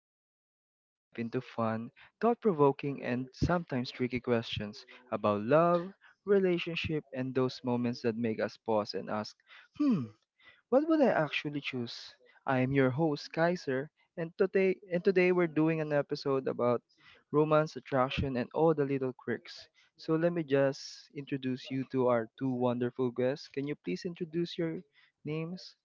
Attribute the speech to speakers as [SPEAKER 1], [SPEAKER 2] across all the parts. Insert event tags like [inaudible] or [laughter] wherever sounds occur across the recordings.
[SPEAKER 1] podcast where we dive into fun, thought provoking, and sometimes tricky questions about love, relationship, and those moments that make us pause and ask, hmm, what would I actually choose? I am your host, Kaiser, and today we're doing an episode about romance, attraction, and all the little quirks. So let me just introduce you to our two wonderful guests. Can you please introduce your names?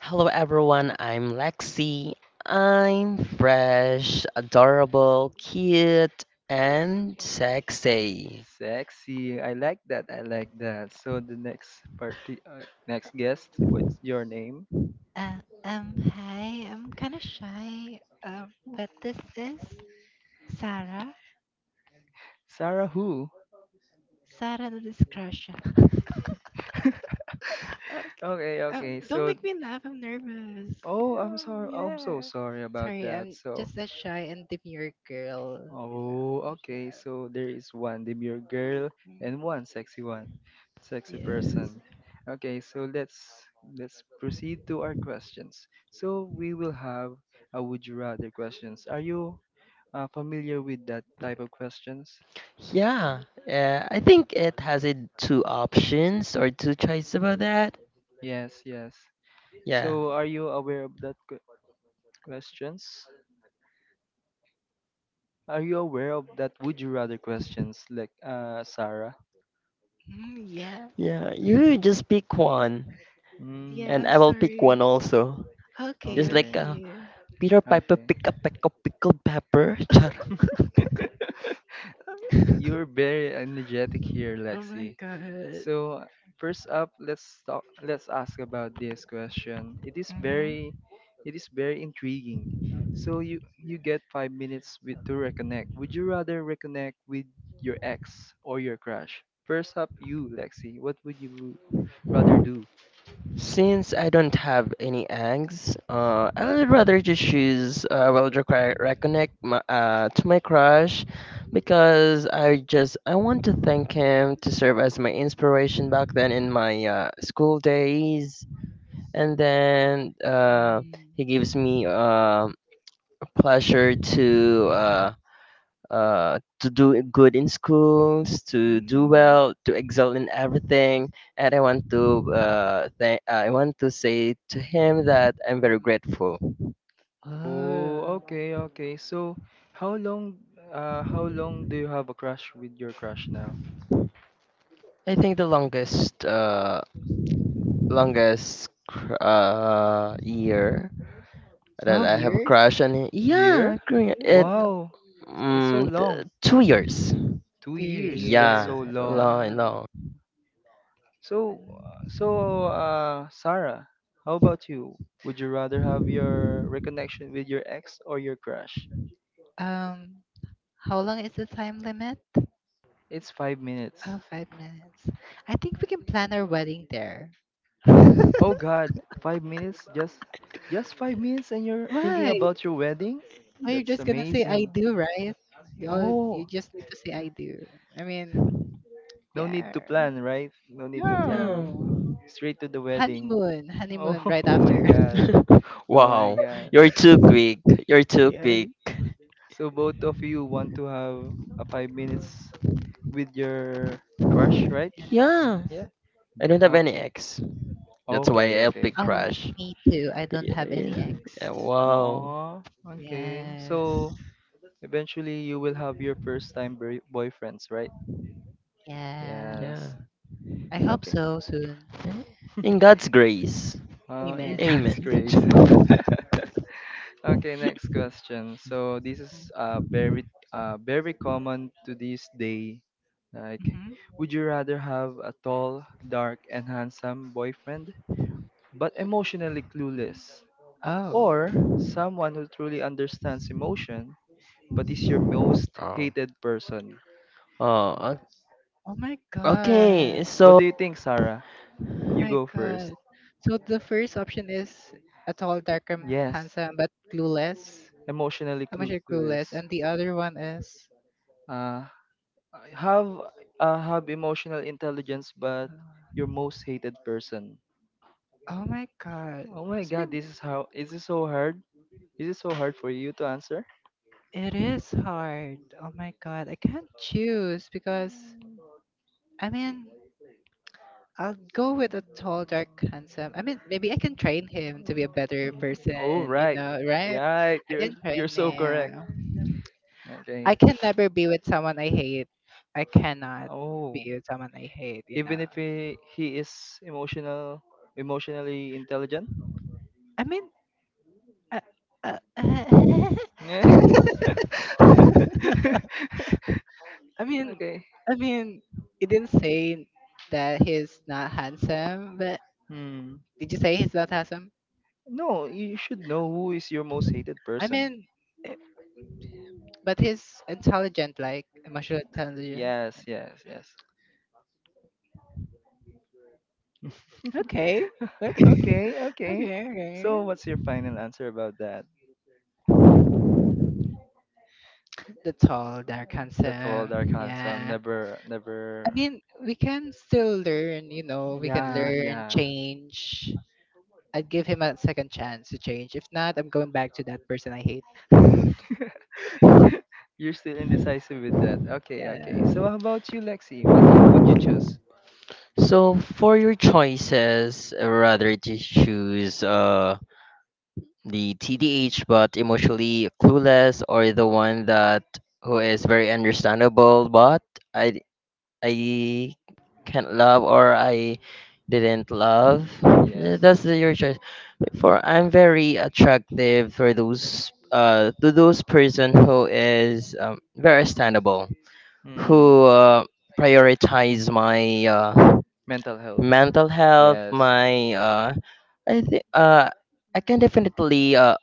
[SPEAKER 2] Hello everyone, I'm Lexi. I'm fresh, adorable, cute, and sexy.
[SPEAKER 1] Sexy. I like that. I like that. So the next party, next guest, what's your name?
[SPEAKER 3] Uh, Hi, I'm kind of shy, uh, but this is Sarah.
[SPEAKER 1] Sarah who?
[SPEAKER 3] Sarah the Discretion. [laughs] Okay.
[SPEAKER 1] Okay, okay.
[SPEAKER 3] Don't
[SPEAKER 1] So,
[SPEAKER 3] make me laugh, I'm nervous.
[SPEAKER 1] oh, I'm sorry. I'm so sorry about
[SPEAKER 3] Sorry,
[SPEAKER 1] that.
[SPEAKER 3] I'm
[SPEAKER 1] So,
[SPEAKER 3] just shy and demure girl. You
[SPEAKER 1] oh, okay. So there is one demure girl
[SPEAKER 3] know.
[SPEAKER 1] and one, sexy person. Okay, so let's proceed to our questions. So we will have a would you rather questions. Are you familiar with that type of questions?
[SPEAKER 2] Yeah, I think it has it two options or two choices about that.
[SPEAKER 1] Yes, yes.
[SPEAKER 2] Yeah,
[SPEAKER 1] So are you aware of that questions? Are you aware of that would you rather questions like Sarah?
[SPEAKER 3] Mm, yeah,
[SPEAKER 2] yeah, you just pick one,
[SPEAKER 1] Mm,
[SPEAKER 3] yeah,
[SPEAKER 2] and
[SPEAKER 3] I'm
[SPEAKER 2] I will pick
[SPEAKER 3] sorry.
[SPEAKER 2] one also.
[SPEAKER 3] Okay,
[SPEAKER 2] Just like
[SPEAKER 1] okay.
[SPEAKER 3] okay.
[SPEAKER 2] Peter Piper
[SPEAKER 1] Okay.
[SPEAKER 2] pick a peck of pickled pepper. [laughs]
[SPEAKER 1] [laughs]
[SPEAKER 3] [laughs]
[SPEAKER 1] You're very energetic here, Lexi. So first up, let's talk. Let's ask about this question. It is very intriguing. So you get 5 minutes with, to reconnect. Would you rather reconnect with your ex or your crush? First up, you, Lexi. What would you rather do?
[SPEAKER 2] Since I don't have any eggs, I would rather just choose well to reconnect to my crush because I just I want to thank him to serve as my inspiration back then in my school days, and then
[SPEAKER 3] Mm,
[SPEAKER 2] he gives me pleasure to. To do good in schools, to do well, to excel in everything. And I want to I want to say to him that I'm very
[SPEAKER 3] mm.
[SPEAKER 2] grateful.
[SPEAKER 1] Oh,
[SPEAKER 3] Oh,
[SPEAKER 1] okay, okay. So how long how long do you have a crush with your crush now?
[SPEAKER 2] I think the longest longest year that
[SPEAKER 3] oh,
[SPEAKER 2] I have a
[SPEAKER 3] years?
[SPEAKER 2] crush on him.
[SPEAKER 1] Year?
[SPEAKER 2] Yeah, it
[SPEAKER 3] Mm,
[SPEAKER 1] Wow. It's so long.
[SPEAKER 2] 2 years.
[SPEAKER 1] Two
[SPEAKER 3] Two
[SPEAKER 1] years. That's
[SPEAKER 2] Yeah,
[SPEAKER 3] years.
[SPEAKER 1] so long.
[SPEAKER 2] long,
[SPEAKER 3] Um,
[SPEAKER 2] long.
[SPEAKER 1] So, uh Sarah, how about you? Would you rather have your reconnection with your ex or your crush?
[SPEAKER 3] how long is it?
[SPEAKER 1] It's 5 minutes.
[SPEAKER 3] Oh, five. Yes. I think we can plan our wedding there.
[SPEAKER 1] Oh God, 5 minutes? Just 5 minutes, and you're thinking
[SPEAKER 3] Why?
[SPEAKER 1] about your wedding?
[SPEAKER 3] Why you
[SPEAKER 1] That's
[SPEAKER 3] just gonna say I
[SPEAKER 1] amazing.
[SPEAKER 3] do, right? You all, you
[SPEAKER 1] Oh,
[SPEAKER 3] just need to say I do. I mean,
[SPEAKER 1] no need to
[SPEAKER 3] yeah.
[SPEAKER 1] plan, right? No need to
[SPEAKER 2] Yeah.
[SPEAKER 1] plan.
[SPEAKER 3] No.
[SPEAKER 1] Straight to the wedding.
[SPEAKER 3] Honeymoon.
[SPEAKER 1] Oh,
[SPEAKER 3] Honeymoon
[SPEAKER 1] [laughs]
[SPEAKER 3] right
[SPEAKER 1] oh my
[SPEAKER 3] after. [laughs]
[SPEAKER 1] God.
[SPEAKER 2] [laughs]
[SPEAKER 1] Oh my
[SPEAKER 2] Wow,
[SPEAKER 1] God.
[SPEAKER 2] you're too quick. You're too quick.
[SPEAKER 3] Yes.
[SPEAKER 1] So both of you want to have a 5 minutes with your crush,
[SPEAKER 3] Yeah,
[SPEAKER 1] right?
[SPEAKER 2] Yeah.
[SPEAKER 3] yes.
[SPEAKER 1] Yeah.
[SPEAKER 2] I don't have any
[SPEAKER 1] Okay.
[SPEAKER 2] ex. That's
[SPEAKER 1] Okay,
[SPEAKER 2] why I
[SPEAKER 1] okay.
[SPEAKER 2] pick
[SPEAKER 3] Oh,
[SPEAKER 2] Crash.
[SPEAKER 3] me too. I don't
[SPEAKER 2] Yeah,
[SPEAKER 3] have any
[SPEAKER 2] yeah,
[SPEAKER 3] ex.
[SPEAKER 2] yeah. Wow.
[SPEAKER 1] Oh, okay.
[SPEAKER 3] Yes.
[SPEAKER 1] So eventually you will have your first time boyfriends, right?
[SPEAKER 3] Yeah.
[SPEAKER 1] Yes.
[SPEAKER 2] Yeah.
[SPEAKER 3] I hope
[SPEAKER 1] Okay.
[SPEAKER 3] so soon.
[SPEAKER 2] In
[SPEAKER 1] [laughs]
[SPEAKER 2] God's grace.
[SPEAKER 1] In
[SPEAKER 3] Amen.
[SPEAKER 1] God's
[SPEAKER 2] Amen. [laughs]
[SPEAKER 1] grace. [laughs] Okay, next question. So this is very common to this day. Like,
[SPEAKER 3] Mhm.
[SPEAKER 1] would you rather have a tall, dark, and handsome boyfriend, but emotionally clueless,
[SPEAKER 3] Oh,
[SPEAKER 1] or someone who truly understands emotion. What is your most
[SPEAKER 2] Oh.
[SPEAKER 1] hated person?
[SPEAKER 2] Oh. o-
[SPEAKER 3] oh my God.
[SPEAKER 2] Okay.
[SPEAKER 1] What
[SPEAKER 2] So
[SPEAKER 1] do you think, Sarah? You go first.
[SPEAKER 3] So the first option is a tall, darker
[SPEAKER 1] Yes,
[SPEAKER 3] Sam, but clueless.
[SPEAKER 1] emotionally clue
[SPEAKER 3] You're
[SPEAKER 1] to this.
[SPEAKER 3] clueless. And the other one is
[SPEAKER 1] Uh, have have emotional intelligence, but your most hated person.
[SPEAKER 3] oh my god,
[SPEAKER 1] Oh my God, this is how. Is this so hard? Is it so hard for you to answer?
[SPEAKER 3] it is hard. God, I can't choose because I'll go with a tall, dark, handsome. I mean, maybe I can train him to be a better
[SPEAKER 1] Mm,
[SPEAKER 3] person.
[SPEAKER 1] oh right, yeah,
[SPEAKER 3] I can
[SPEAKER 1] you're so correct.
[SPEAKER 3] I
[SPEAKER 1] Okay.
[SPEAKER 3] can never be with someone I hate. I cannot
[SPEAKER 1] Oh,
[SPEAKER 3] be with someone I hate, you
[SPEAKER 1] even
[SPEAKER 3] know.
[SPEAKER 1] if he is emotional, emotionally intelligent.
[SPEAKER 3] I mean, uh, uh,
[SPEAKER 1] Yeah.
[SPEAKER 3] [laughs]
[SPEAKER 1] [laughs]
[SPEAKER 3] I mean,
[SPEAKER 1] Okay.
[SPEAKER 3] I mean, it didn't say that he's not handsome, but.
[SPEAKER 1] Hmm.
[SPEAKER 3] Did you say he's not handsome?
[SPEAKER 1] No, you should know who is your most hated
[SPEAKER 3] I
[SPEAKER 1] person.
[SPEAKER 3] mean, eh, but he's intelligent, like emotional intelligent.
[SPEAKER 1] Yes, yes, yes. Okay, okay.
[SPEAKER 3] Okay, okay.
[SPEAKER 1] So what's your final answer about that?
[SPEAKER 3] The tall, dark,
[SPEAKER 1] The tall, dark,
[SPEAKER 3] handsome.
[SPEAKER 1] handsome,
[SPEAKER 3] Yeah.
[SPEAKER 1] never,
[SPEAKER 3] I
[SPEAKER 1] never.
[SPEAKER 3] mean, we can still learn, you know, we can
[SPEAKER 1] Yeah,
[SPEAKER 3] learn,
[SPEAKER 1] yeah.
[SPEAKER 3] change. I'd give him a second chance to change. If not, I'm going back to that person I hate. [laughs]
[SPEAKER 1] You're still indecisive with that. Okay,
[SPEAKER 3] Yeah.
[SPEAKER 1] okay. So how about you, Lexi? What did you choose?
[SPEAKER 2] so for your choices, rather to choose the TDH but emotionally clueless or the one that who is very understandable but I I can't love or I didn't love.
[SPEAKER 1] Yes.
[SPEAKER 2] Yeah, that's your choice. For I'm very attractive for those to those person who is very understandable,
[SPEAKER 1] Hmm.
[SPEAKER 2] who prioritize my
[SPEAKER 1] Mental health.
[SPEAKER 2] mental health,
[SPEAKER 1] Yes.
[SPEAKER 2] my I think I can definitely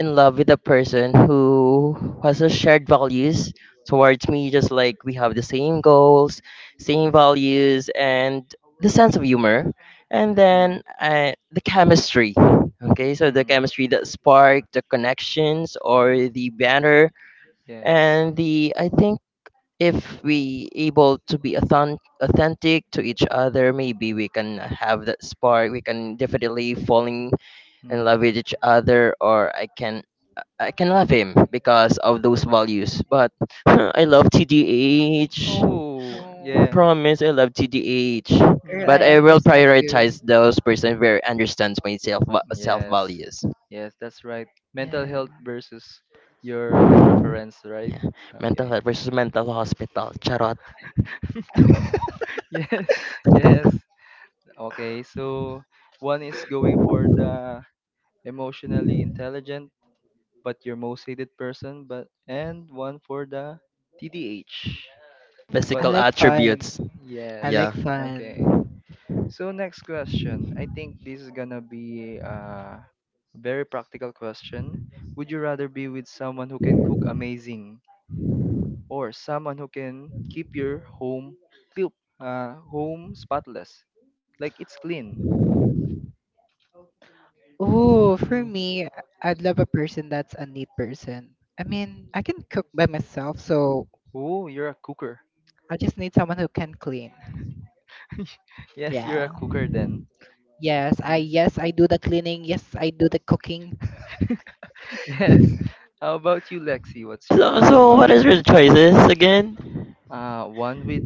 [SPEAKER 2] in love with a person who has a shared values towards me, just like we have the same goals, same values, and the sense of humor, and
[SPEAKER 1] Hmm.
[SPEAKER 2] then the chemistry. Okay, so the
[SPEAKER 1] Hmm.
[SPEAKER 2] chemistry that sparked the connections or the banner,
[SPEAKER 1] Yes.
[SPEAKER 2] and the I think if we able to be authentic to each other, maybe we can have that spark. We can definitely falling in love
[SPEAKER 1] Hmm.
[SPEAKER 2] with each other or I can love him because of those values. But [laughs] I love TDH.
[SPEAKER 1] Oh, yeah.
[SPEAKER 3] Oh,
[SPEAKER 2] Promise I love TDH.
[SPEAKER 3] girl,
[SPEAKER 2] But
[SPEAKER 3] I
[SPEAKER 1] Mm,
[SPEAKER 2] I will
[SPEAKER 3] understand you.
[SPEAKER 2] prioritize those person where I understands my self
[SPEAKER 1] yes.
[SPEAKER 2] values.
[SPEAKER 1] Yes, that's right. Mental
[SPEAKER 3] Yeah.
[SPEAKER 1] health versus your preference, right?
[SPEAKER 2] Yeah. Mental
[SPEAKER 1] Okay.
[SPEAKER 2] health versus mental hospital. Charot.
[SPEAKER 1] [laughs] yes. Yes. Okay, so one is going for the emotionally intelligent but your most hated person, but and one for the TDH. But
[SPEAKER 3] I
[SPEAKER 2] Physical
[SPEAKER 3] like
[SPEAKER 1] im-
[SPEAKER 3] fun.
[SPEAKER 2] attributes.
[SPEAKER 3] I
[SPEAKER 1] yes.
[SPEAKER 3] like
[SPEAKER 2] Yeah.
[SPEAKER 3] fun.
[SPEAKER 1] Okay. So next question. I think this is gonna be a very practical question. Would you rather be with someone who can cook amazing or someone who can keep home spotless? Like it's clean.
[SPEAKER 3] Oh, for
[SPEAKER 1] Hmm.
[SPEAKER 3] me, I'd love a person that's a neat person. I mean, I can cook by myself, so
[SPEAKER 1] Oh, you're a cooker.
[SPEAKER 3] I just need someone who can clean.
[SPEAKER 1] [laughs] Yes, you're a cooker then. Yeah.
[SPEAKER 3] Yes, I do the cleaning. Yes, I do the cooking.
[SPEAKER 1] [laughs] Yes. How about you, Lexi? What's your
[SPEAKER 2] So
[SPEAKER 1] answer
[SPEAKER 2] so
[SPEAKER 1] about
[SPEAKER 2] what is
[SPEAKER 1] that?
[SPEAKER 2] your choices again?
[SPEAKER 1] One with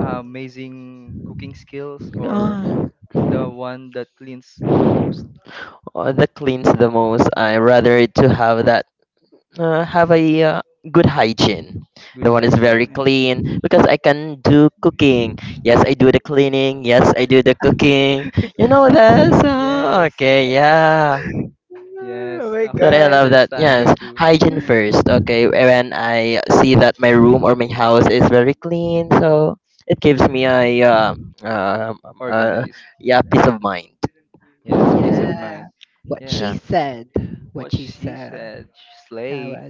[SPEAKER 1] amazing cooking skills or
[SPEAKER 2] Oh.
[SPEAKER 1] the one that cleans the most?
[SPEAKER 2] That cleans the
[SPEAKER 1] Uh,
[SPEAKER 2] most. I
[SPEAKER 1] uh,
[SPEAKER 2] rather to have that have a good hygiene. The
[SPEAKER 1] good
[SPEAKER 2] one is very
[SPEAKER 1] hygiene.
[SPEAKER 3] [laughs]
[SPEAKER 2] clean because I can do cooking. Yes, I do the cleaning. Yes, I do the cooking. You
[SPEAKER 1] [laughs]
[SPEAKER 2] know that. So,
[SPEAKER 1] Yes,
[SPEAKER 2] okay, yeah.
[SPEAKER 3] Oh
[SPEAKER 1] yes.
[SPEAKER 3] my
[SPEAKER 2] So
[SPEAKER 1] Okay,
[SPEAKER 2] I
[SPEAKER 1] I
[SPEAKER 3] god.
[SPEAKER 2] love that.
[SPEAKER 1] understand you
[SPEAKER 2] Yes,
[SPEAKER 1] too.
[SPEAKER 2] hygiene first. Okay, when I see that my room or my house is very clean, so it gives me a uh, uh,
[SPEAKER 1] Organized.
[SPEAKER 2] yeah peace of mind.
[SPEAKER 1] Yes, peace of
[SPEAKER 3] Yeah,
[SPEAKER 1] mind.
[SPEAKER 3] what
[SPEAKER 2] Yeah,
[SPEAKER 3] she
[SPEAKER 1] Yes,
[SPEAKER 3] said.
[SPEAKER 1] what she said. Slay.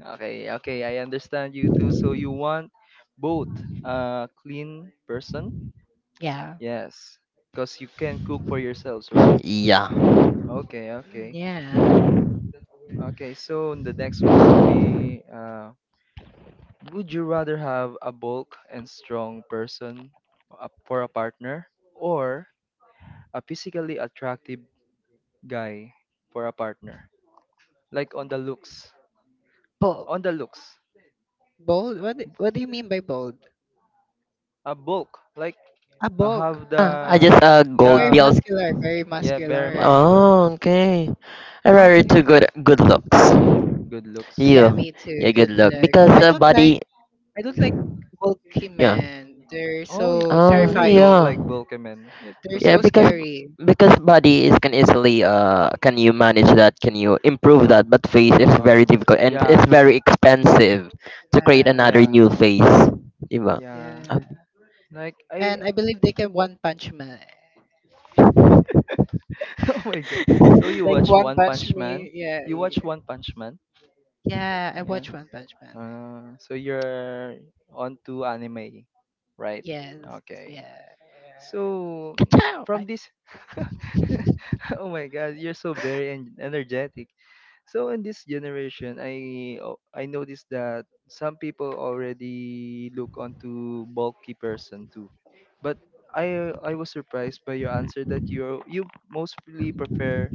[SPEAKER 1] Okay, okay, I understand you too. So you want both a clean person?
[SPEAKER 3] Yeah,
[SPEAKER 1] Yes, because you can cook for yourselves, right?
[SPEAKER 2] yeah.
[SPEAKER 1] Oh, okay,
[SPEAKER 3] mm,
[SPEAKER 1] okay.
[SPEAKER 3] yeah.
[SPEAKER 1] Okay, so the next one would be would you rather have a bulk and strong person for a partner or a physically attractive guy for a partner? Like
[SPEAKER 3] Bold,
[SPEAKER 1] on the looks,
[SPEAKER 3] bold. What do you mean by bold?
[SPEAKER 1] a bulk like
[SPEAKER 3] A
[SPEAKER 1] I have
[SPEAKER 3] bold,
[SPEAKER 2] Ah, I just
[SPEAKER 3] a
[SPEAKER 2] gold
[SPEAKER 3] very
[SPEAKER 1] the
[SPEAKER 2] belt.
[SPEAKER 3] muscular, very
[SPEAKER 1] yeah very
[SPEAKER 3] muscular.
[SPEAKER 1] muscular,
[SPEAKER 2] Oh, okay. I rather to good good looks.
[SPEAKER 1] good looks,
[SPEAKER 3] Yeah,
[SPEAKER 1] right?
[SPEAKER 2] You,
[SPEAKER 3] me too.
[SPEAKER 2] yeah, good
[SPEAKER 3] Good
[SPEAKER 2] look
[SPEAKER 3] look.
[SPEAKER 2] because
[SPEAKER 3] I don't like.
[SPEAKER 2] body,
[SPEAKER 3] I don't like bulky
[SPEAKER 2] yeah.
[SPEAKER 3] men. They're
[SPEAKER 1] Oh,
[SPEAKER 3] so
[SPEAKER 2] Oh,
[SPEAKER 1] so you don't
[SPEAKER 3] terrifying.
[SPEAKER 2] yeah,
[SPEAKER 1] like bulky men?
[SPEAKER 3] Yeah, they're
[SPEAKER 2] yeah.
[SPEAKER 3] so
[SPEAKER 1] Okay.
[SPEAKER 3] scary.
[SPEAKER 2] Because body is can easily can you manage that? Can you improve that? But face is
[SPEAKER 1] Uh,
[SPEAKER 2] very difficult and it's
[SPEAKER 1] yeah,
[SPEAKER 2] very expensive to create
[SPEAKER 3] Yeah,
[SPEAKER 2] another
[SPEAKER 1] yeah,
[SPEAKER 2] new face. Diba?
[SPEAKER 1] yeah.
[SPEAKER 3] yeah.
[SPEAKER 1] Like I
[SPEAKER 3] And I believe they can one punch man.
[SPEAKER 1] [laughs] Oh my god. So you
[SPEAKER 3] Like
[SPEAKER 1] watch
[SPEAKER 3] one
[SPEAKER 2] [laughs]
[SPEAKER 1] One
[SPEAKER 3] punch
[SPEAKER 1] Punch Man?
[SPEAKER 3] me. Yeah,
[SPEAKER 1] You watch One Punch Man?
[SPEAKER 3] yeah. I
[SPEAKER 1] Yeah.
[SPEAKER 3] watch One Punch Man.
[SPEAKER 1] So you're on to anime, right?
[SPEAKER 3] Yeah.
[SPEAKER 1] Okay. So
[SPEAKER 3] Achoo!
[SPEAKER 1] from this [laughs] Oh my god, you're so very energetic. So in this generation, I noticed that some people already look onto bulky person too, but I was surprised by your answer that you mostly prefer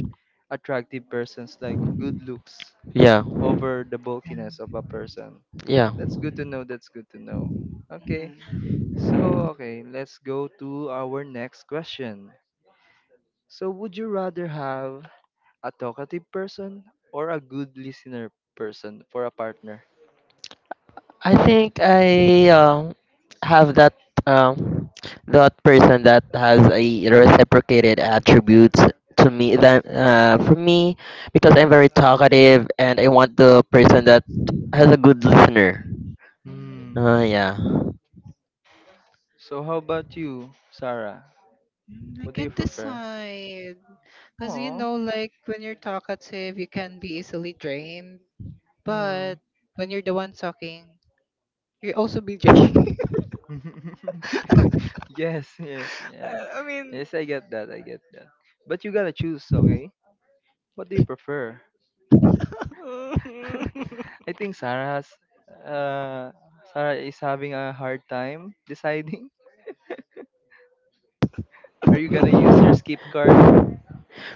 [SPEAKER 1] attractive persons like good looks
[SPEAKER 2] Yeah,
[SPEAKER 1] over the bulkiness of a person.
[SPEAKER 2] yeah.
[SPEAKER 1] That's good to know. That's good to know. Okay.
[SPEAKER 3] Mhm.
[SPEAKER 1] So, okay, let's go to our next question. So, would you rather have a talkative person, or a good listener person for a partner?
[SPEAKER 2] I think I have that um that person that has a reciprocated attributes to me that for me because I'm very talkative and I want the person that has a good listener.
[SPEAKER 3] Mm,
[SPEAKER 1] Hmm.
[SPEAKER 2] Yeah.
[SPEAKER 1] So how about you, Sarah?
[SPEAKER 3] I
[SPEAKER 1] What do you
[SPEAKER 3] can't
[SPEAKER 1] prefer?
[SPEAKER 3] decide. Because, you
[SPEAKER 1] Oh.
[SPEAKER 3] know, like when you're talkative, you can be easily drained. But
[SPEAKER 1] Hmm.
[SPEAKER 3] when you're the one talking, you also be drained. [laughs]
[SPEAKER 1] [laughs] yes, yes, yeah.
[SPEAKER 3] I I mean,
[SPEAKER 1] Yes, I get that. I get that. But you gotta choose, okay? What do you prefer? [laughs]
[SPEAKER 3] [laughs]
[SPEAKER 1] I think uh Sarah is having a hard time deciding. [laughs] Are you gonna use your
[SPEAKER 2] Mm.
[SPEAKER 1] skip card?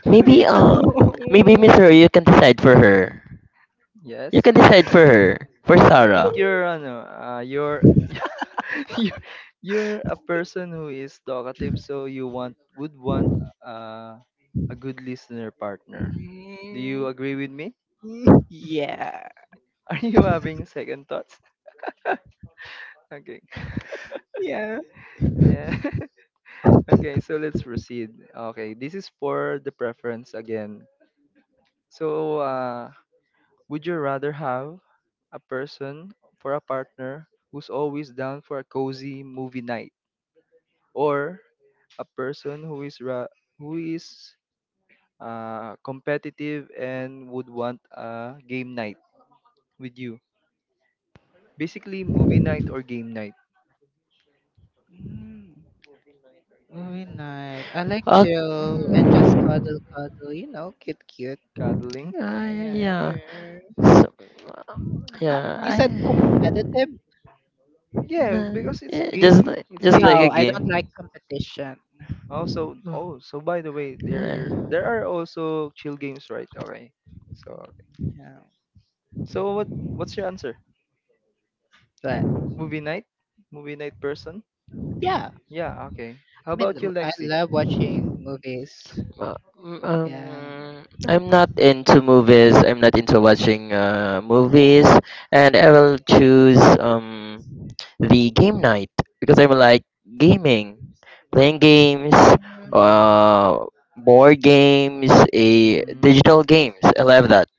[SPEAKER 2] Maybe
[SPEAKER 3] Wait.
[SPEAKER 2] uh
[SPEAKER 3] [laughs]
[SPEAKER 2] maybe Miss
[SPEAKER 3] No.
[SPEAKER 2] Roy, you can decide for her. You
[SPEAKER 1] Yes.
[SPEAKER 2] can decide for her for
[SPEAKER 1] I think
[SPEAKER 2] Sarah.
[SPEAKER 1] you're [laughs] [laughs] you're you're a person who is talkative, so you want would want uh, a good listener partner. Do you
[SPEAKER 3] Mm,
[SPEAKER 1] agree with me?
[SPEAKER 3] yeah.
[SPEAKER 1] [laughs] Are you having second thoughts? [laughs] Okay.
[SPEAKER 3] Yeah.
[SPEAKER 1] Yeah. [laughs] okay, so let's proceed. Okay, this is for the preference again. So, would you rather have a person for a partner who's always down for a cozy movie night or a person who is who is competitive and would want a game night with you. Basically, movie night or game night.
[SPEAKER 3] Mm, movie night. I like
[SPEAKER 2] Uh,
[SPEAKER 3] chill and just
[SPEAKER 2] mm,
[SPEAKER 3] cuddle, cuddle. You know, cute, cute.
[SPEAKER 1] Cuddling.
[SPEAKER 3] Yeah,
[SPEAKER 2] yeah.
[SPEAKER 3] okay.
[SPEAKER 2] So, yeah,
[SPEAKER 3] You said
[SPEAKER 2] I
[SPEAKER 3] competitive?
[SPEAKER 1] Yeah,
[SPEAKER 2] nah,
[SPEAKER 1] because it's
[SPEAKER 2] yeah,
[SPEAKER 1] game. It's
[SPEAKER 2] just like a
[SPEAKER 3] No,
[SPEAKER 1] gaming.
[SPEAKER 3] I don't like
[SPEAKER 2] game.
[SPEAKER 3] competition. [laughs]
[SPEAKER 1] Also,
[SPEAKER 2] Uh,
[SPEAKER 1] oh, so by the way,
[SPEAKER 2] Yeah.
[SPEAKER 1] there are also chill games, right? Okay. So okay.
[SPEAKER 3] Yeah,
[SPEAKER 1] So what's your answer?
[SPEAKER 3] but
[SPEAKER 1] Movie night? Movie night person?
[SPEAKER 3] yeah,
[SPEAKER 1] Yeah, okay. How
[SPEAKER 3] I mean,
[SPEAKER 1] about you,
[SPEAKER 3] I
[SPEAKER 1] Lexi?
[SPEAKER 3] love watching movies. Yeah.
[SPEAKER 2] I'm not into movies. I'm not into watching movies, and I will choose the game night because I'm like gaming,
[SPEAKER 1] What?
[SPEAKER 2] playing games,
[SPEAKER 3] Um,
[SPEAKER 2] uh, board games, a digital games. I love that.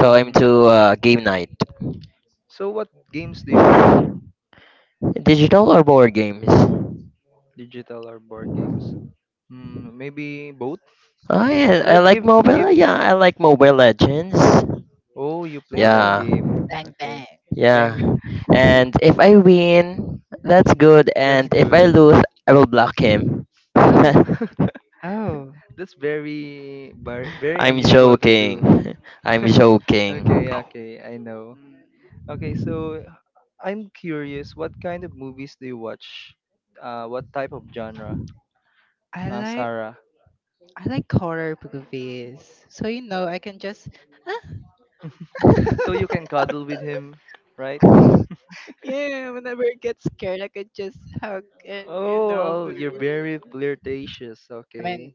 [SPEAKER 2] So I'm to game night,
[SPEAKER 1] So what games do you play?
[SPEAKER 2] digital or board games.
[SPEAKER 1] Digital or board games? Mm, maybe both?
[SPEAKER 2] Oh yeah, I
[SPEAKER 1] Like
[SPEAKER 2] like
[SPEAKER 1] give give
[SPEAKER 2] mobile. Yeah, I like Mobile Legends.
[SPEAKER 1] Oh, you play that
[SPEAKER 3] oh,
[SPEAKER 2] Yeah.
[SPEAKER 1] game.
[SPEAKER 3] Bang Bang.
[SPEAKER 1] Okay.
[SPEAKER 2] Yeah.
[SPEAKER 1] Bang.
[SPEAKER 2] And if I win, that's good.
[SPEAKER 1] [laughs] That's
[SPEAKER 2] And if I
[SPEAKER 1] good.
[SPEAKER 2] lose, I will block him. [laughs]
[SPEAKER 3] Oh,
[SPEAKER 2] I'm
[SPEAKER 1] Mm. [laughs]
[SPEAKER 3] oh,
[SPEAKER 1] That's very very unusual to do.
[SPEAKER 2] joking. [laughs] I'm
[SPEAKER 1] [laughs]
[SPEAKER 2] joking.
[SPEAKER 1] okay, okay. I know. Okay, so I'm curious, what kind of movies do you watch? What type of genre?
[SPEAKER 3] I
[SPEAKER 1] Sarah.
[SPEAKER 3] I like horror movies. So you know, I can just
[SPEAKER 1] So you can cuddle with him, right?
[SPEAKER 3] yeah, whenever I get scared, I could just hug and
[SPEAKER 1] Oh, oh,
[SPEAKER 3] cover.
[SPEAKER 1] you're very flirtatious.
[SPEAKER 3] I mean,
[SPEAKER 1] Okay,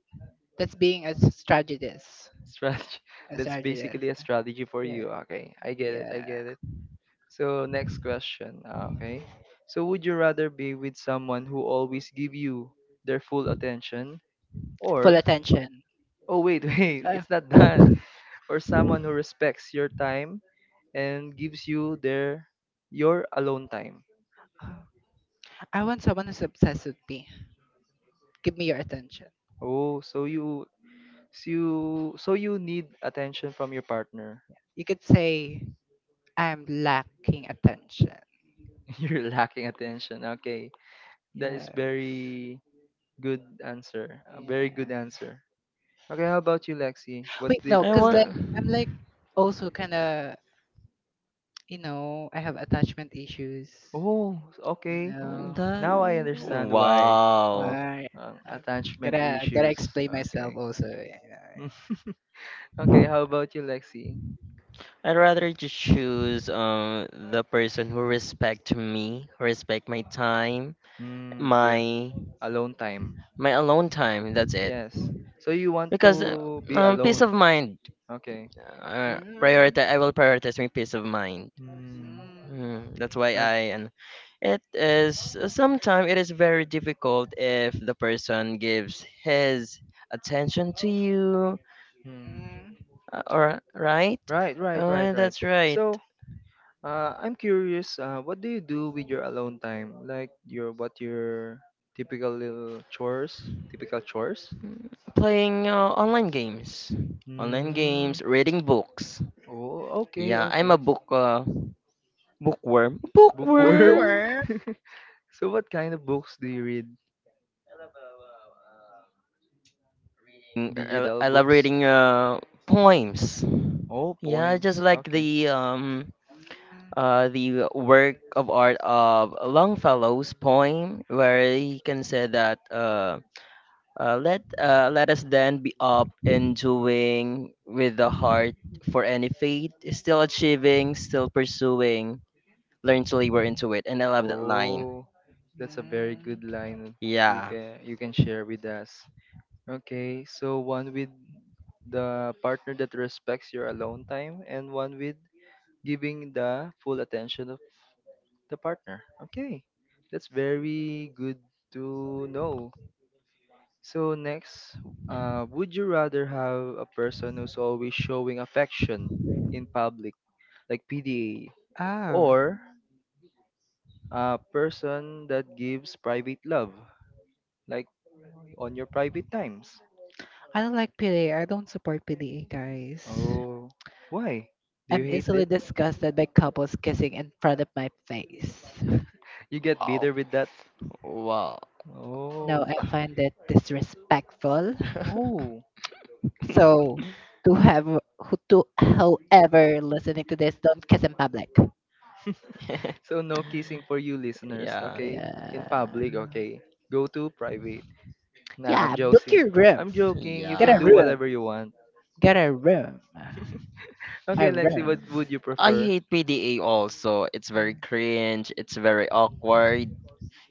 [SPEAKER 3] that's being a strategist.
[SPEAKER 1] strategy. [laughs] That's basically a strategy for
[SPEAKER 3] Yeah,
[SPEAKER 1] you. Okay, I get it. I
[SPEAKER 3] yeah.
[SPEAKER 1] get it. So next question. Ah, okay, so would you rather be with someone who always give you their full attention, or
[SPEAKER 3] Attention.
[SPEAKER 1] oh wait, [laughs] wait, it's not done, or someone who respects your time? And gives you their your alone time.
[SPEAKER 3] I want someone who's obsessed with me. Give me your attention.
[SPEAKER 1] Oh, so you so you so you need attention from your partner.
[SPEAKER 3] You could say I'm lacking attention.
[SPEAKER 1] [laughs] You're lacking attention. Okay. That is
[SPEAKER 3] Yeah.
[SPEAKER 1] very good answer. A
[SPEAKER 3] Yeah.
[SPEAKER 1] very good answer. Okay, how about you, Lexi? What's
[SPEAKER 3] Wait, no,
[SPEAKER 2] I
[SPEAKER 1] different?
[SPEAKER 3] cause like
[SPEAKER 2] want
[SPEAKER 3] I'm like also kind of you know I have attachment issues.
[SPEAKER 1] Oh, okay.
[SPEAKER 3] So,
[SPEAKER 2] that.
[SPEAKER 1] Now I understand why. Oh,
[SPEAKER 2] Wow.
[SPEAKER 3] right. I
[SPEAKER 1] attachment
[SPEAKER 3] gotta
[SPEAKER 1] issues.
[SPEAKER 3] explain myself
[SPEAKER 1] Okay.
[SPEAKER 3] also. You know.
[SPEAKER 1] [laughs] okay, how about you, Lexi?
[SPEAKER 2] I'd rather just choose the person who respect me, respect my time,
[SPEAKER 1] Hmm, your
[SPEAKER 2] my
[SPEAKER 1] alone time.
[SPEAKER 2] alone time. That's it.
[SPEAKER 1] Yes. So you want
[SPEAKER 2] Because
[SPEAKER 1] to be
[SPEAKER 2] peace
[SPEAKER 1] alone.
[SPEAKER 2] of mind.
[SPEAKER 1] Okay.
[SPEAKER 3] Mm,
[SPEAKER 2] Priority. I will prioritize my peace of mind.
[SPEAKER 1] Hmm.
[SPEAKER 2] Mm, that's why
[SPEAKER 1] Uh,
[SPEAKER 2] I and it is sometimes it is very difficult if the person gives his attention to you,
[SPEAKER 1] hmm.
[SPEAKER 3] mm,
[SPEAKER 2] or right?
[SPEAKER 1] Right, right, right, right.
[SPEAKER 2] That's right.
[SPEAKER 1] So, I'm curious, what do you do with your alone time? Like your typical little chores, typical chores?
[SPEAKER 2] Playing online
[SPEAKER 1] Hmm.
[SPEAKER 2] games, reading books.
[SPEAKER 1] Oh, okay,
[SPEAKER 2] Yeah, I'm a
[SPEAKER 1] okay.
[SPEAKER 2] bookworm.
[SPEAKER 1] Bookworm.
[SPEAKER 2] Bookworm.
[SPEAKER 3] or
[SPEAKER 1] [laughs] So what kind of books do you read? Digital
[SPEAKER 2] I love
[SPEAKER 1] books?
[SPEAKER 2] reading poems.
[SPEAKER 1] Oh,
[SPEAKER 2] Yeah, just
[SPEAKER 1] poems.
[SPEAKER 2] like
[SPEAKER 1] Okay.
[SPEAKER 2] the work of art of Longfellow's poem, where he can say that let us then be up and doing with the heart for any fate, still achieving, still pursuing, learn to labor into it. And I love that line.
[SPEAKER 1] Oh, that's a very good line
[SPEAKER 2] Yeah.
[SPEAKER 1] you can share with us. Okay, so one with the partner that respects your alone time and one with giving the full attention of the partner. Okay. That's very good to know. So next, would you rather have a person who's always showing affection in public, like PDA, or a person that gives private love, like on your private times?
[SPEAKER 3] I don't like PDA. I don't support PDA, guys.
[SPEAKER 1] Oh, why? Do you
[SPEAKER 3] I'm
[SPEAKER 1] hate
[SPEAKER 3] easily
[SPEAKER 1] it?
[SPEAKER 3] disgusted by couples kissing in front of my face.
[SPEAKER 1] You get
[SPEAKER 2] Oh,
[SPEAKER 1] bitter with that?
[SPEAKER 2] wow.
[SPEAKER 3] No,
[SPEAKER 1] Oh,
[SPEAKER 3] I find it disrespectful.
[SPEAKER 2] [laughs]
[SPEAKER 1] oh.
[SPEAKER 3] So, to have who to however listening to this, don't kiss in public.
[SPEAKER 1] So no kissing for you listeners,
[SPEAKER 2] Yeah.
[SPEAKER 1] okay? In public, okay? Go to private. Nah, I'm
[SPEAKER 3] Yeah.
[SPEAKER 1] joking.
[SPEAKER 3] Your.
[SPEAKER 1] I'm joking. You can
[SPEAKER 2] Yeah.
[SPEAKER 1] do whatever you want.
[SPEAKER 3] Get a room. I
[SPEAKER 1] Okay, Lexi, what
[SPEAKER 3] run.
[SPEAKER 1] would you
[SPEAKER 2] I
[SPEAKER 1] prefer?
[SPEAKER 2] hate PDA also. It's very cringe. It's very awkward.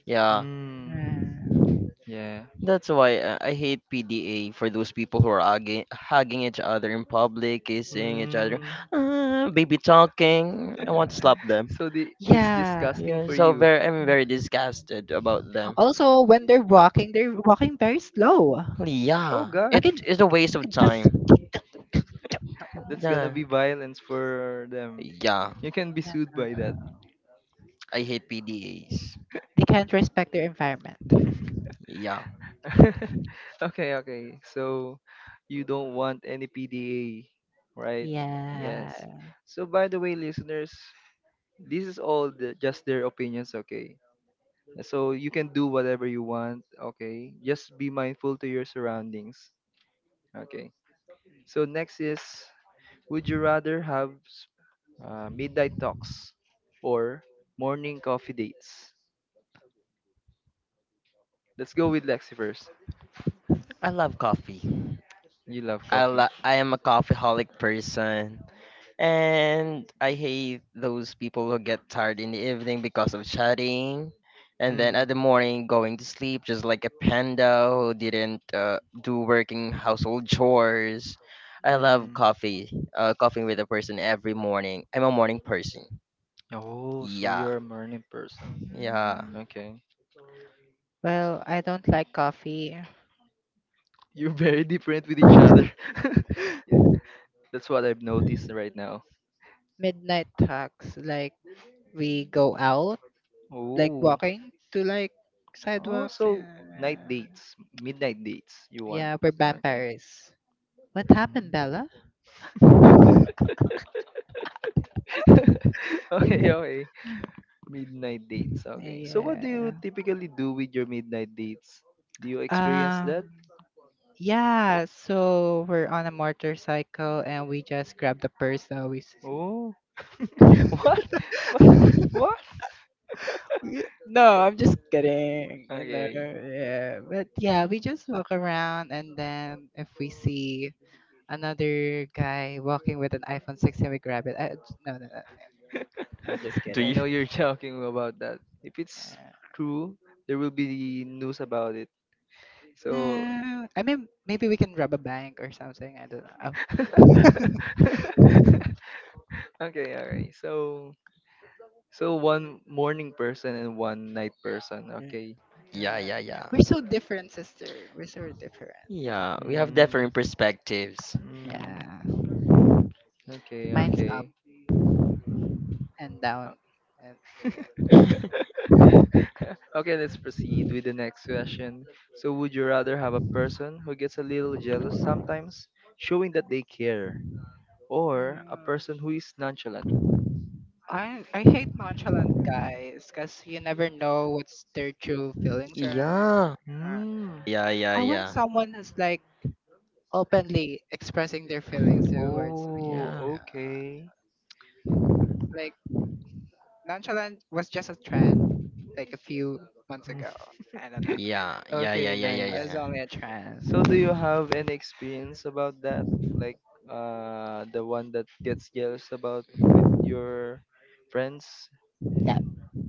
[SPEAKER 2] Yeah,
[SPEAKER 1] Hmm.
[SPEAKER 3] Yeah.
[SPEAKER 1] Yeah.
[SPEAKER 2] that's why I hate PDA for those people who are hugging each other in public, kissing each other,
[SPEAKER 1] Hmm.
[SPEAKER 2] baby talking. I want to
[SPEAKER 1] [laughs]
[SPEAKER 2] slap them.
[SPEAKER 1] So the it's
[SPEAKER 3] Yeah.
[SPEAKER 1] disgusting
[SPEAKER 2] Yeah,
[SPEAKER 1] for
[SPEAKER 2] so
[SPEAKER 1] you.
[SPEAKER 2] very I'm very disgusted about them.
[SPEAKER 3] Also, when they're walking very slow.
[SPEAKER 1] Oh
[SPEAKER 2] Yeah,
[SPEAKER 1] God,
[SPEAKER 2] it is a waste
[SPEAKER 3] I
[SPEAKER 2] of
[SPEAKER 3] can just.
[SPEAKER 2] time.
[SPEAKER 3] [laughs]
[SPEAKER 1] that's gonna
[SPEAKER 2] Yeah.
[SPEAKER 1] be violence for them.
[SPEAKER 2] Yeah,
[SPEAKER 1] You can be sued by that.
[SPEAKER 2] I hate PDAs.
[SPEAKER 3] They can't respect their environment.
[SPEAKER 2] Yeah,
[SPEAKER 1] [laughs] okay, okay. So you don't want any PDA, right? Yes.
[SPEAKER 3] Yeah.
[SPEAKER 1] So by the way, listeners, this is all the, just their opinions, okay? So you can do whatever you want, okay? Just be mindful to your surroundings, okay? So next is, would you rather have midnight talks or morning coffee dates? Let's go with Lexi first.
[SPEAKER 2] I love coffee.
[SPEAKER 1] You love coffee.
[SPEAKER 2] I am a coffeeholic person, and I hate those people who get tired in the evening because of chatting, and then at
[SPEAKER 1] Mm.
[SPEAKER 2] the morning going to sleep just like a panda who didn't do working household chores. I love
[SPEAKER 1] Mm.
[SPEAKER 2] coffee, coffee with a person every morning. I'm a morning person.
[SPEAKER 1] Oh, so
[SPEAKER 2] Yeah,
[SPEAKER 1] you're a morning person.
[SPEAKER 2] yeah.
[SPEAKER 1] Okay.
[SPEAKER 3] Well, I don't like coffee.
[SPEAKER 1] You're very different with each other. [laughs] That's what I've noticed right now.
[SPEAKER 3] Midnight talks, like we go out, like
[SPEAKER 1] Oh.
[SPEAKER 3] walking to like
[SPEAKER 1] Oh,
[SPEAKER 3] sidewalks.
[SPEAKER 1] so night
[SPEAKER 3] Yeah,
[SPEAKER 1] dates, midnight dates you want.
[SPEAKER 3] yeah we're
[SPEAKER 1] Okay.
[SPEAKER 3] vampires. What happened,
[SPEAKER 1] Mm.
[SPEAKER 3] Bella?
[SPEAKER 1] [laughs] Okay, okay. Midnight dates. Okay. So what do you
[SPEAKER 3] Yeah.
[SPEAKER 1] typically do with your midnight dates? Do you experience that?
[SPEAKER 3] Um, yeah, so we're on a motorcycle and we just grab the person we see.
[SPEAKER 1] Oh. [laughs] What? What? What?
[SPEAKER 3] Yeah, no, I'm just kidding, you know.
[SPEAKER 1] Okay.
[SPEAKER 3] Yeah, but yeah, we just walk around and then if we see another guy walking with an iPhone 16, we grab it. No, no, no, no, I'm just
[SPEAKER 2] Do
[SPEAKER 1] I
[SPEAKER 3] kidding.
[SPEAKER 2] you?
[SPEAKER 1] know you're [laughs] joking about that. If it's
[SPEAKER 3] Yeah.
[SPEAKER 1] true, there will be news about it. So
[SPEAKER 3] No, I mean maybe we can rob a bank or something. I don't know. Oh
[SPEAKER 1] [laughs] okay, all right. So so one morning person and one night person. Okay.
[SPEAKER 3] my
[SPEAKER 2] Yeah,
[SPEAKER 3] god,
[SPEAKER 2] yeah, yeah.
[SPEAKER 3] we're so different, sister. We're so different.
[SPEAKER 2] Yeah, we have
[SPEAKER 1] Mm,
[SPEAKER 2] different perspectives.
[SPEAKER 3] Yeah,
[SPEAKER 1] mm, okay.
[SPEAKER 3] mine's
[SPEAKER 1] Okay.
[SPEAKER 3] and
[SPEAKER 1] Uh,
[SPEAKER 3] down. And
[SPEAKER 2] [laughs]
[SPEAKER 1] [laughs] okay, let's proceed with the next question. So, would you rather have a person who gets a little jealous sometimes, showing that they care, or a person who is nonchalant?
[SPEAKER 3] I hate nonchalant guys because you never know what's their true feelings. Or
[SPEAKER 2] Yeah.
[SPEAKER 1] Hmm.
[SPEAKER 2] Yeah, yeah,
[SPEAKER 3] I want
[SPEAKER 2] yeah.
[SPEAKER 3] someone who's like openly expressing their feelings towards me.
[SPEAKER 1] Oh,
[SPEAKER 2] Yeah,
[SPEAKER 1] okay.
[SPEAKER 3] Like nonchalant was just a trend like a few months ago.
[SPEAKER 1] [laughs]
[SPEAKER 3] I don't know.
[SPEAKER 2] yeah, yeah, yeah,
[SPEAKER 1] Okay,
[SPEAKER 2] yeah, yeah,
[SPEAKER 1] nice.
[SPEAKER 3] It's
[SPEAKER 2] yeah.
[SPEAKER 3] only a trend.
[SPEAKER 1] So do you have any experience about that? Like the one that gets jealous about your friends?
[SPEAKER 3] No.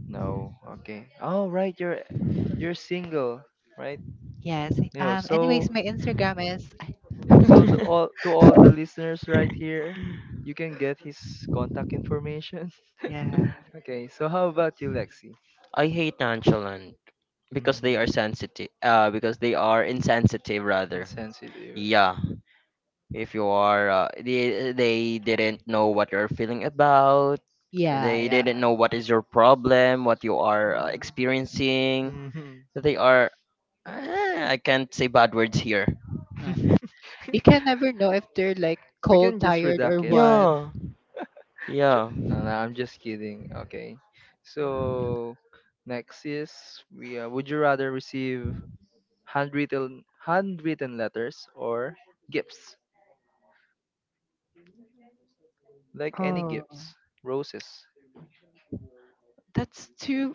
[SPEAKER 1] No. Okay. Oh right, you're single, right?
[SPEAKER 3] Yes.
[SPEAKER 1] Yeah. So
[SPEAKER 3] Anyways, my is
[SPEAKER 1] so
[SPEAKER 2] Yeah.
[SPEAKER 1] all to all the listeners right here, you can get his contact information.
[SPEAKER 3] yeah.
[SPEAKER 1] [laughs] Okay. So how about you, Lexi?
[SPEAKER 2] [laughs] I hate nonchalant
[SPEAKER 1] Hmm.
[SPEAKER 2] because they are sensitive. Because they are insensitive rather.
[SPEAKER 1] Insensitive.
[SPEAKER 2] Yeah, if you are, they didn't know what you're feeling about.
[SPEAKER 3] Yeah.
[SPEAKER 2] They didn't
[SPEAKER 3] Yeah.
[SPEAKER 2] know what is your problem, what you are experiencing.
[SPEAKER 1] Mhm.
[SPEAKER 2] They are. Uh, I can't say bad words here.
[SPEAKER 3] Uh, you can
[SPEAKER 1] [laughs]
[SPEAKER 3] never know if they're like
[SPEAKER 1] We can
[SPEAKER 3] cold,
[SPEAKER 1] just
[SPEAKER 3] tired, or
[SPEAKER 1] redact it.
[SPEAKER 3] what.
[SPEAKER 2] Yeah, yeah.
[SPEAKER 1] No, no, I'm just kidding. Okay. So next is we would you rather receive handwritten letters or gifts? Like any
[SPEAKER 3] Oh,
[SPEAKER 1] gifts, roses.
[SPEAKER 3] that's too.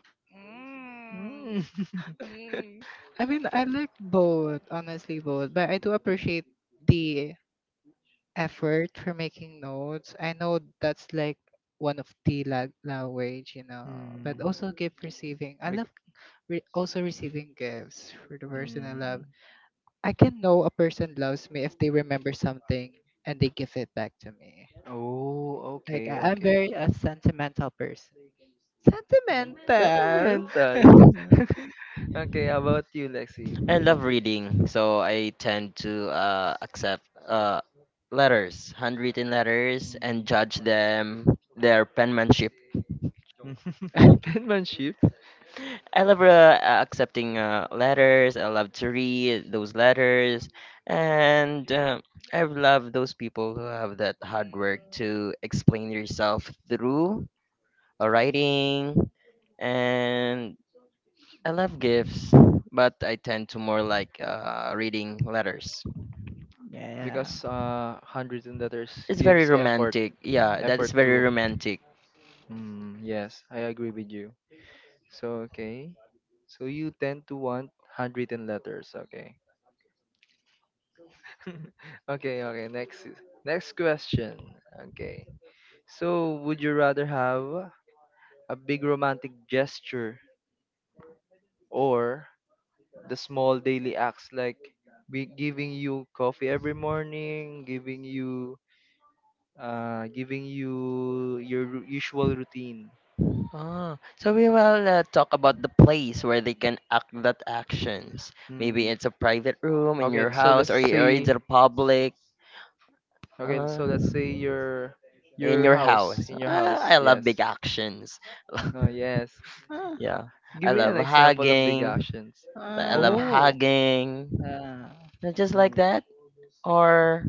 [SPEAKER 1] Mm.
[SPEAKER 3] Mm,
[SPEAKER 1] [laughs]
[SPEAKER 3] mm. I mean, I like both, honestly, both. But I do appreciate the effort for making notes. I know that's like one of the la- language, you know. But
[SPEAKER 1] Hmm.
[SPEAKER 3] also gift receiving. I love
[SPEAKER 1] Bec-
[SPEAKER 3] re- also receiving gifts for the person I love.
[SPEAKER 1] mm.
[SPEAKER 3] I can know a person loves me if they remember something and they give it back to me.
[SPEAKER 1] Oh,
[SPEAKER 3] Like
[SPEAKER 1] okay,
[SPEAKER 3] I'm
[SPEAKER 1] okay.
[SPEAKER 3] very a sentimental person.
[SPEAKER 1] Mm.
[SPEAKER 3] Oh.
[SPEAKER 1] Sentimental.
[SPEAKER 3] [laughs]
[SPEAKER 1] [laughs] okay, how about you, Lexi?
[SPEAKER 2] I love reading, so I tend to accept letters, handwritten letters, and
[SPEAKER 1] Mm.
[SPEAKER 2] judge them, their penmanship.
[SPEAKER 1] [laughs] Penmanship?
[SPEAKER 2] I love accepting letters. I love to read those letters, and I love those people who have that hard work
[SPEAKER 3] Mm.
[SPEAKER 2] to explain yourself through a writing. And I love gifts, but I tend to more like reading letters.
[SPEAKER 3] Yeah.
[SPEAKER 1] Because handwritten letters
[SPEAKER 2] It's very
[SPEAKER 1] gives effort,
[SPEAKER 2] romantic. Yeah, that is
[SPEAKER 1] effort
[SPEAKER 2] very
[SPEAKER 1] to.
[SPEAKER 2] romantic.
[SPEAKER 1] Mm, yes, I agree with you. So okay, so you tend to want handwritten letters. Okay, [laughs] okay, okay. Next, next question. Okay, so would you rather have a big romantic gesture or the small daily acts like be giving you coffee every morning, giving you your usual routine.
[SPEAKER 2] Ah, so we will talk about the place where they can act that actions.
[SPEAKER 1] Hmm.
[SPEAKER 2] Maybe it's a private room in
[SPEAKER 1] Okay,
[SPEAKER 2] your
[SPEAKER 1] so
[SPEAKER 2] house
[SPEAKER 1] let's
[SPEAKER 2] or, or in
[SPEAKER 1] say
[SPEAKER 2] the public
[SPEAKER 1] okay,
[SPEAKER 2] uh,
[SPEAKER 1] so let's say
[SPEAKER 2] in
[SPEAKER 1] your
[SPEAKER 2] your
[SPEAKER 1] house
[SPEAKER 2] house.
[SPEAKER 1] in your
[SPEAKER 2] Ah,
[SPEAKER 1] house.
[SPEAKER 2] I love
[SPEAKER 1] Yes.
[SPEAKER 2] big actions. [laughs]
[SPEAKER 1] Oh yes.
[SPEAKER 3] Uh,
[SPEAKER 1] Ha-
[SPEAKER 2] Yeah,
[SPEAKER 1] Give
[SPEAKER 2] I
[SPEAKER 1] me
[SPEAKER 2] love
[SPEAKER 1] an example of big
[SPEAKER 2] hugging.
[SPEAKER 1] actions.
[SPEAKER 2] I love
[SPEAKER 3] uh,
[SPEAKER 1] Oh.
[SPEAKER 2] hugging.
[SPEAKER 3] uh,
[SPEAKER 2] Not just like
[SPEAKER 1] Hmm.
[SPEAKER 2] that. Or,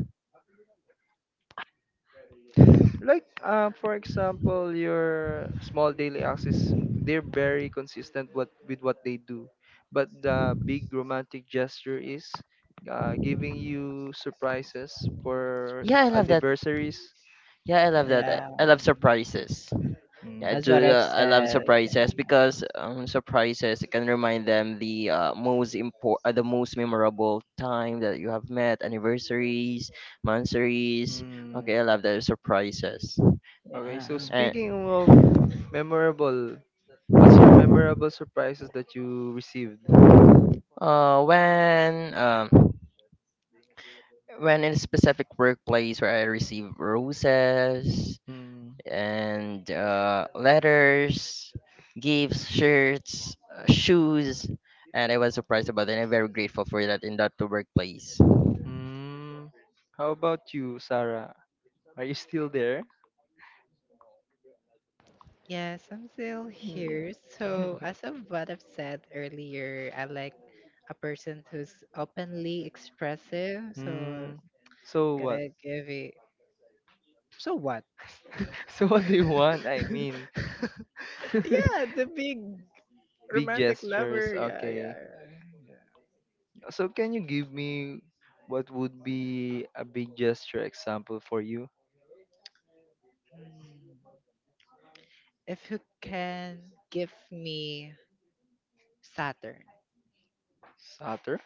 [SPEAKER 1] like for example your small daily acts is they're very consistent what with what they do but the big romantic gesture is giving you surprises for
[SPEAKER 2] yeah, I love that.
[SPEAKER 1] anniversaries
[SPEAKER 2] Yeah, I love
[SPEAKER 1] yeah
[SPEAKER 2] that. I
[SPEAKER 3] yeah.
[SPEAKER 2] I love surprises. Yeah,
[SPEAKER 1] mm.
[SPEAKER 2] I
[SPEAKER 3] As what
[SPEAKER 2] do.
[SPEAKER 3] I've
[SPEAKER 2] I love
[SPEAKER 3] said. Yeah.
[SPEAKER 2] surprises because surprises can remind them the the most memorable time that you have met, anniversaries, monthsaries.
[SPEAKER 1] Mm.
[SPEAKER 2] Okay, I love the surprises.
[SPEAKER 1] okay
[SPEAKER 3] Yeah.
[SPEAKER 1] so
[SPEAKER 2] And
[SPEAKER 1] speaking of memorable What's your memorable surprises that you received?
[SPEAKER 2] uh, when um, when in a specific workplace where I receive roses
[SPEAKER 1] Hmm.
[SPEAKER 2] and letters, gifts, shirts, shoes, and I was surprised about it, and I'm very grateful for that in that workplace.
[SPEAKER 1] Hmm. How about you, Sarah? Are you still there?
[SPEAKER 3] Yes, I'm still
[SPEAKER 1] Yeah.
[SPEAKER 3] here. So,
[SPEAKER 1] [laughs]
[SPEAKER 3] as of what I've said earlier, I like a person who's openly expressive. So,
[SPEAKER 1] Hmm. So what?
[SPEAKER 3] like, if it, so what?
[SPEAKER 1] [laughs] So what do you want? I mean,
[SPEAKER 3] Yeah, the
[SPEAKER 1] [laughs]
[SPEAKER 3] big.
[SPEAKER 1] big gestures.
[SPEAKER 3] Yeah, yeah,
[SPEAKER 1] Okay.
[SPEAKER 3] yeah.
[SPEAKER 1] So can you give me what would be a big gesture example for you?
[SPEAKER 3] If you can give me Saturn.
[SPEAKER 1] Saturn?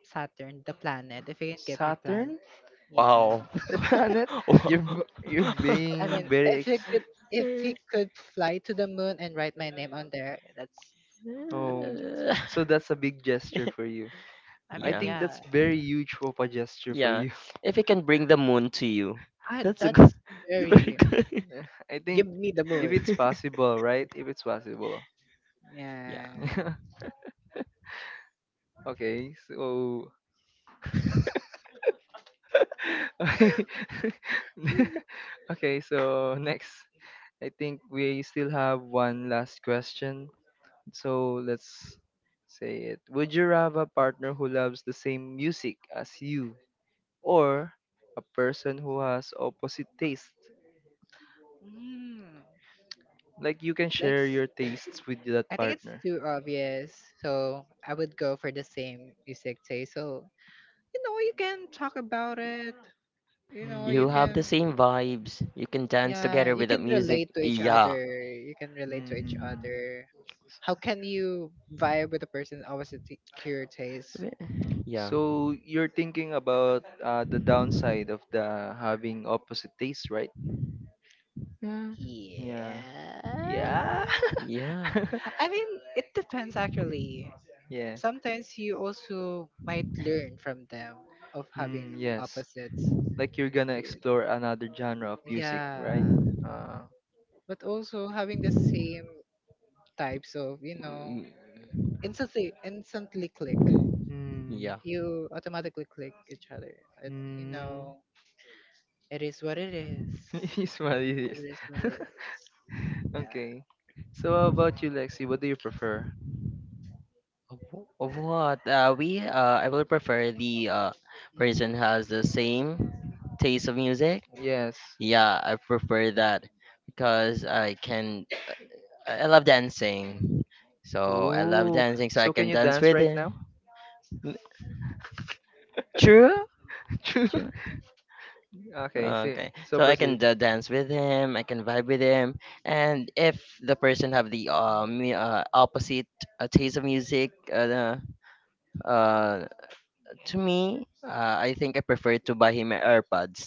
[SPEAKER 3] Saturn, the planet. If he can give me plan,
[SPEAKER 1] Saturn?
[SPEAKER 3] yeah.
[SPEAKER 2] Wow. [laughs]
[SPEAKER 1] [laughs] the planet.
[SPEAKER 2] Wow.
[SPEAKER 1] You're
[SPEAKER 2] [laughs]
[SPEAKER 3] I mean,
[SPEAKER 1] being very ex.
[SPEAKER 3] if he could fly to the moon and write my name on there, that's a big
[SPEAKER 1] Oh,
[SPEAKER 3] gesture.
[SPEAKER 1] so that's a big gesture for you.
[SPEAKER 3] I
[SPEAKER 1] I
[SPEAKER 3] mean,
[SPEAKER 2] Yeah.
[SPEAKER 1] think
[SPEAKER 3] yeah.
[SPEAKER 1] that's very huge of a gesture for
[SPEAKER 2] Yeah.
[SPEAKER 1] you.
[SPEAKER 2] If it can bring the moon to you,
[SPEAKER 3] Ah,
[SPEAKER 2] that's a good,
[SPEAKER 3] that's
[SPEAKER 2] [laughs] very
[SPEAKER 3] very
[SPEAKER 2] good.
[SPEAKER 1] [laughs] I
[SPEAKER 3] give
[SPEAKER 1] think
[SPEAKER 3] me the
[SPEAKER 1] if
[SPEAKER 3] moon.
[SPEAKER 1] it's possible,
[SPEAKER 2] [laughs]
[SPEAKER 1] right? If it's possible.
[SPEAKER 2] Yeah.
[SPEAKER 3] Yeah,
[SPEAKER 1] [laughs] Okay. So. [laughs] Okay. So next, I think we still have one last question. So let's say it. Would you have a partner who loves the same music as you or a person who has opposite taste. Like you can share your tastes with that
[SPEAKER 3] I think it's
[SPEAKER 1] partner.
[SPEAKER 3] two is so I would go for the same music taste. So you know, you can talk about it. You know, you
[SPEAKER 2] You
[SPEAKER 1] Hmm.
[SPEAKER 2] have the
[SPEAKER 3] can
[SPEAKER 2] same vibes. You can dance
[SPEAKER 3] yeah,
[SPEAKER 2] together
[SPEAKER 3] you
[SPEAKER 2] with the
[SPEAKER 3] can
[SPEAKER 2] music.
[SPEAKER 3] relate to each
[SPEAKER 2] Yeah.
[SPEAKER 3] other. You can relate to each
[SPEAKER 1] Hmm.
[SPEAKER 3] other. How can you vibe with a person opposite to your taste?
[SPEAKER 2] Yeah.
[SPEAKER 1] So you're thinking about the downside of the having opposite taste, right?
[SPEAKER 3] Yeah.
[SPEAKER 1] Yeah. Yeah.
[SPEAKER 2] Yeah.
[SPEAKER 1] [laughs]
[SPEAKER 3] I mean, it depends actually.
[SPEAKER 1] yeah.
[SPEAKER 3] Sometimes you also might learn from them of having
[SPEAKER 1] Hmm. Yes.
[SPEAKER 3] sets.
[SPEAKER 1] Like you're gonna explore another genre of music, right?
[SPEAKER 3] Yeah.
[SPEAKER 1] Uh.
[SPEAKER 3] But also having the same types of, you know,
[SPEAKER 2] Mm,
[SPEAKER 3] instantly click.
[SPEAKER 1] Hmm.
[SPEAKER 2] yeah.
[SPEAKER 3] You automatically click each other. It, you
[SPEAKER 1] Hmm.
[SPEAKER 3] know, it is what it is.
[SPEAKER 1] [laughs] it is what it is.
[SPEAKER 3] It is what
[SPEAKER 1] [laughs]
[SPEAKER 3] it is. Yeah.
[SPEAKER 1] Okay. So how about you, Lexi? What do you prefer?
[SPEAKER 2] Wh- What we I would prefer the person has the same taste of music.
[SPEAKER 1] Yes.
[SPEAKER 2] Yeah, I prefer that because I can I love dancing. So I love
[SPEAKER 1] Ooh.
[SPEAKER 2] dancing so I
[SPEAKER 1] So can
[SPEAKER 2] can
[SPEAKER 1] you
[SPEAKER 2] dance
[SPEAKER 1] dance
[SPEAKER 2] with
[SPEAKER 1] right
[SPEAKER 2] him.
[SPEAKER 1] now?
[SPEAKER 2] N- True?
[SPEAKER 1] [laughs] Okay. See.
[SPEAKER 2] Okay,
[SPEAKER 1] So
[SPEAKER 2] so I can
[SPEAKER 1] proceed.
[SPEAKER 2] dance with him, I can vibe with him, and if the person have the opposite taste of music, uh, to me, I think I prefer to buy him a AirPods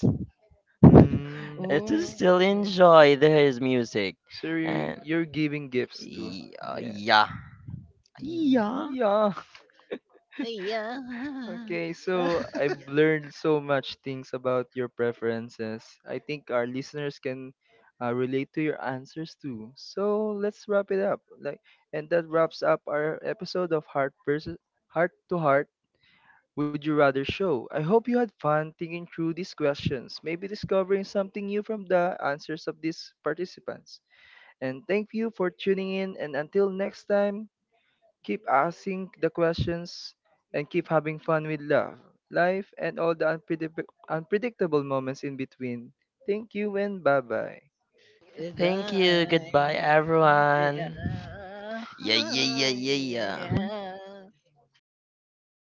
[SPEAKER 1] Mm,
[SPEAKER 2] to
[SPEAKER 3] Oh,
[SPEAKER 2] still enjoy the, his music.
[SPEAKER 1] so
[SPEAKER 2] And
[SPEAKER 1] you're giving gifts too. Yeah.
[SPEAKER 2] yeah,
[SPEAKER 1] Mm, Yeah.
[SPEAKER 3] yeah.
[SPEAKER 1] Okay, so I've learned so much things about your preferences. I think our listeners can relate to your answers too. So let's wrap it up. Like, and that wraps up our episode of Heart versus Heart to Heart. Would you rather show? I hope you had fun thinking through these questions, maybe discovering something new from the answers of these participants. And thank you for tuning in. And until next time, keep asking the questions and keep having fun with love, life, and all the unpredictable moments in between. Thank you and bye bye.
[SPEAKER 2] thank you. Goodbye,
[SPEAKER 3] Yeah,
[SPEAKER 2] everyone.
[SPEAKER 3] yeah,
[SPEAKER 2] Yeah, yeah, yeah, yeah, yeah.
[SPEAKER 3] yeah.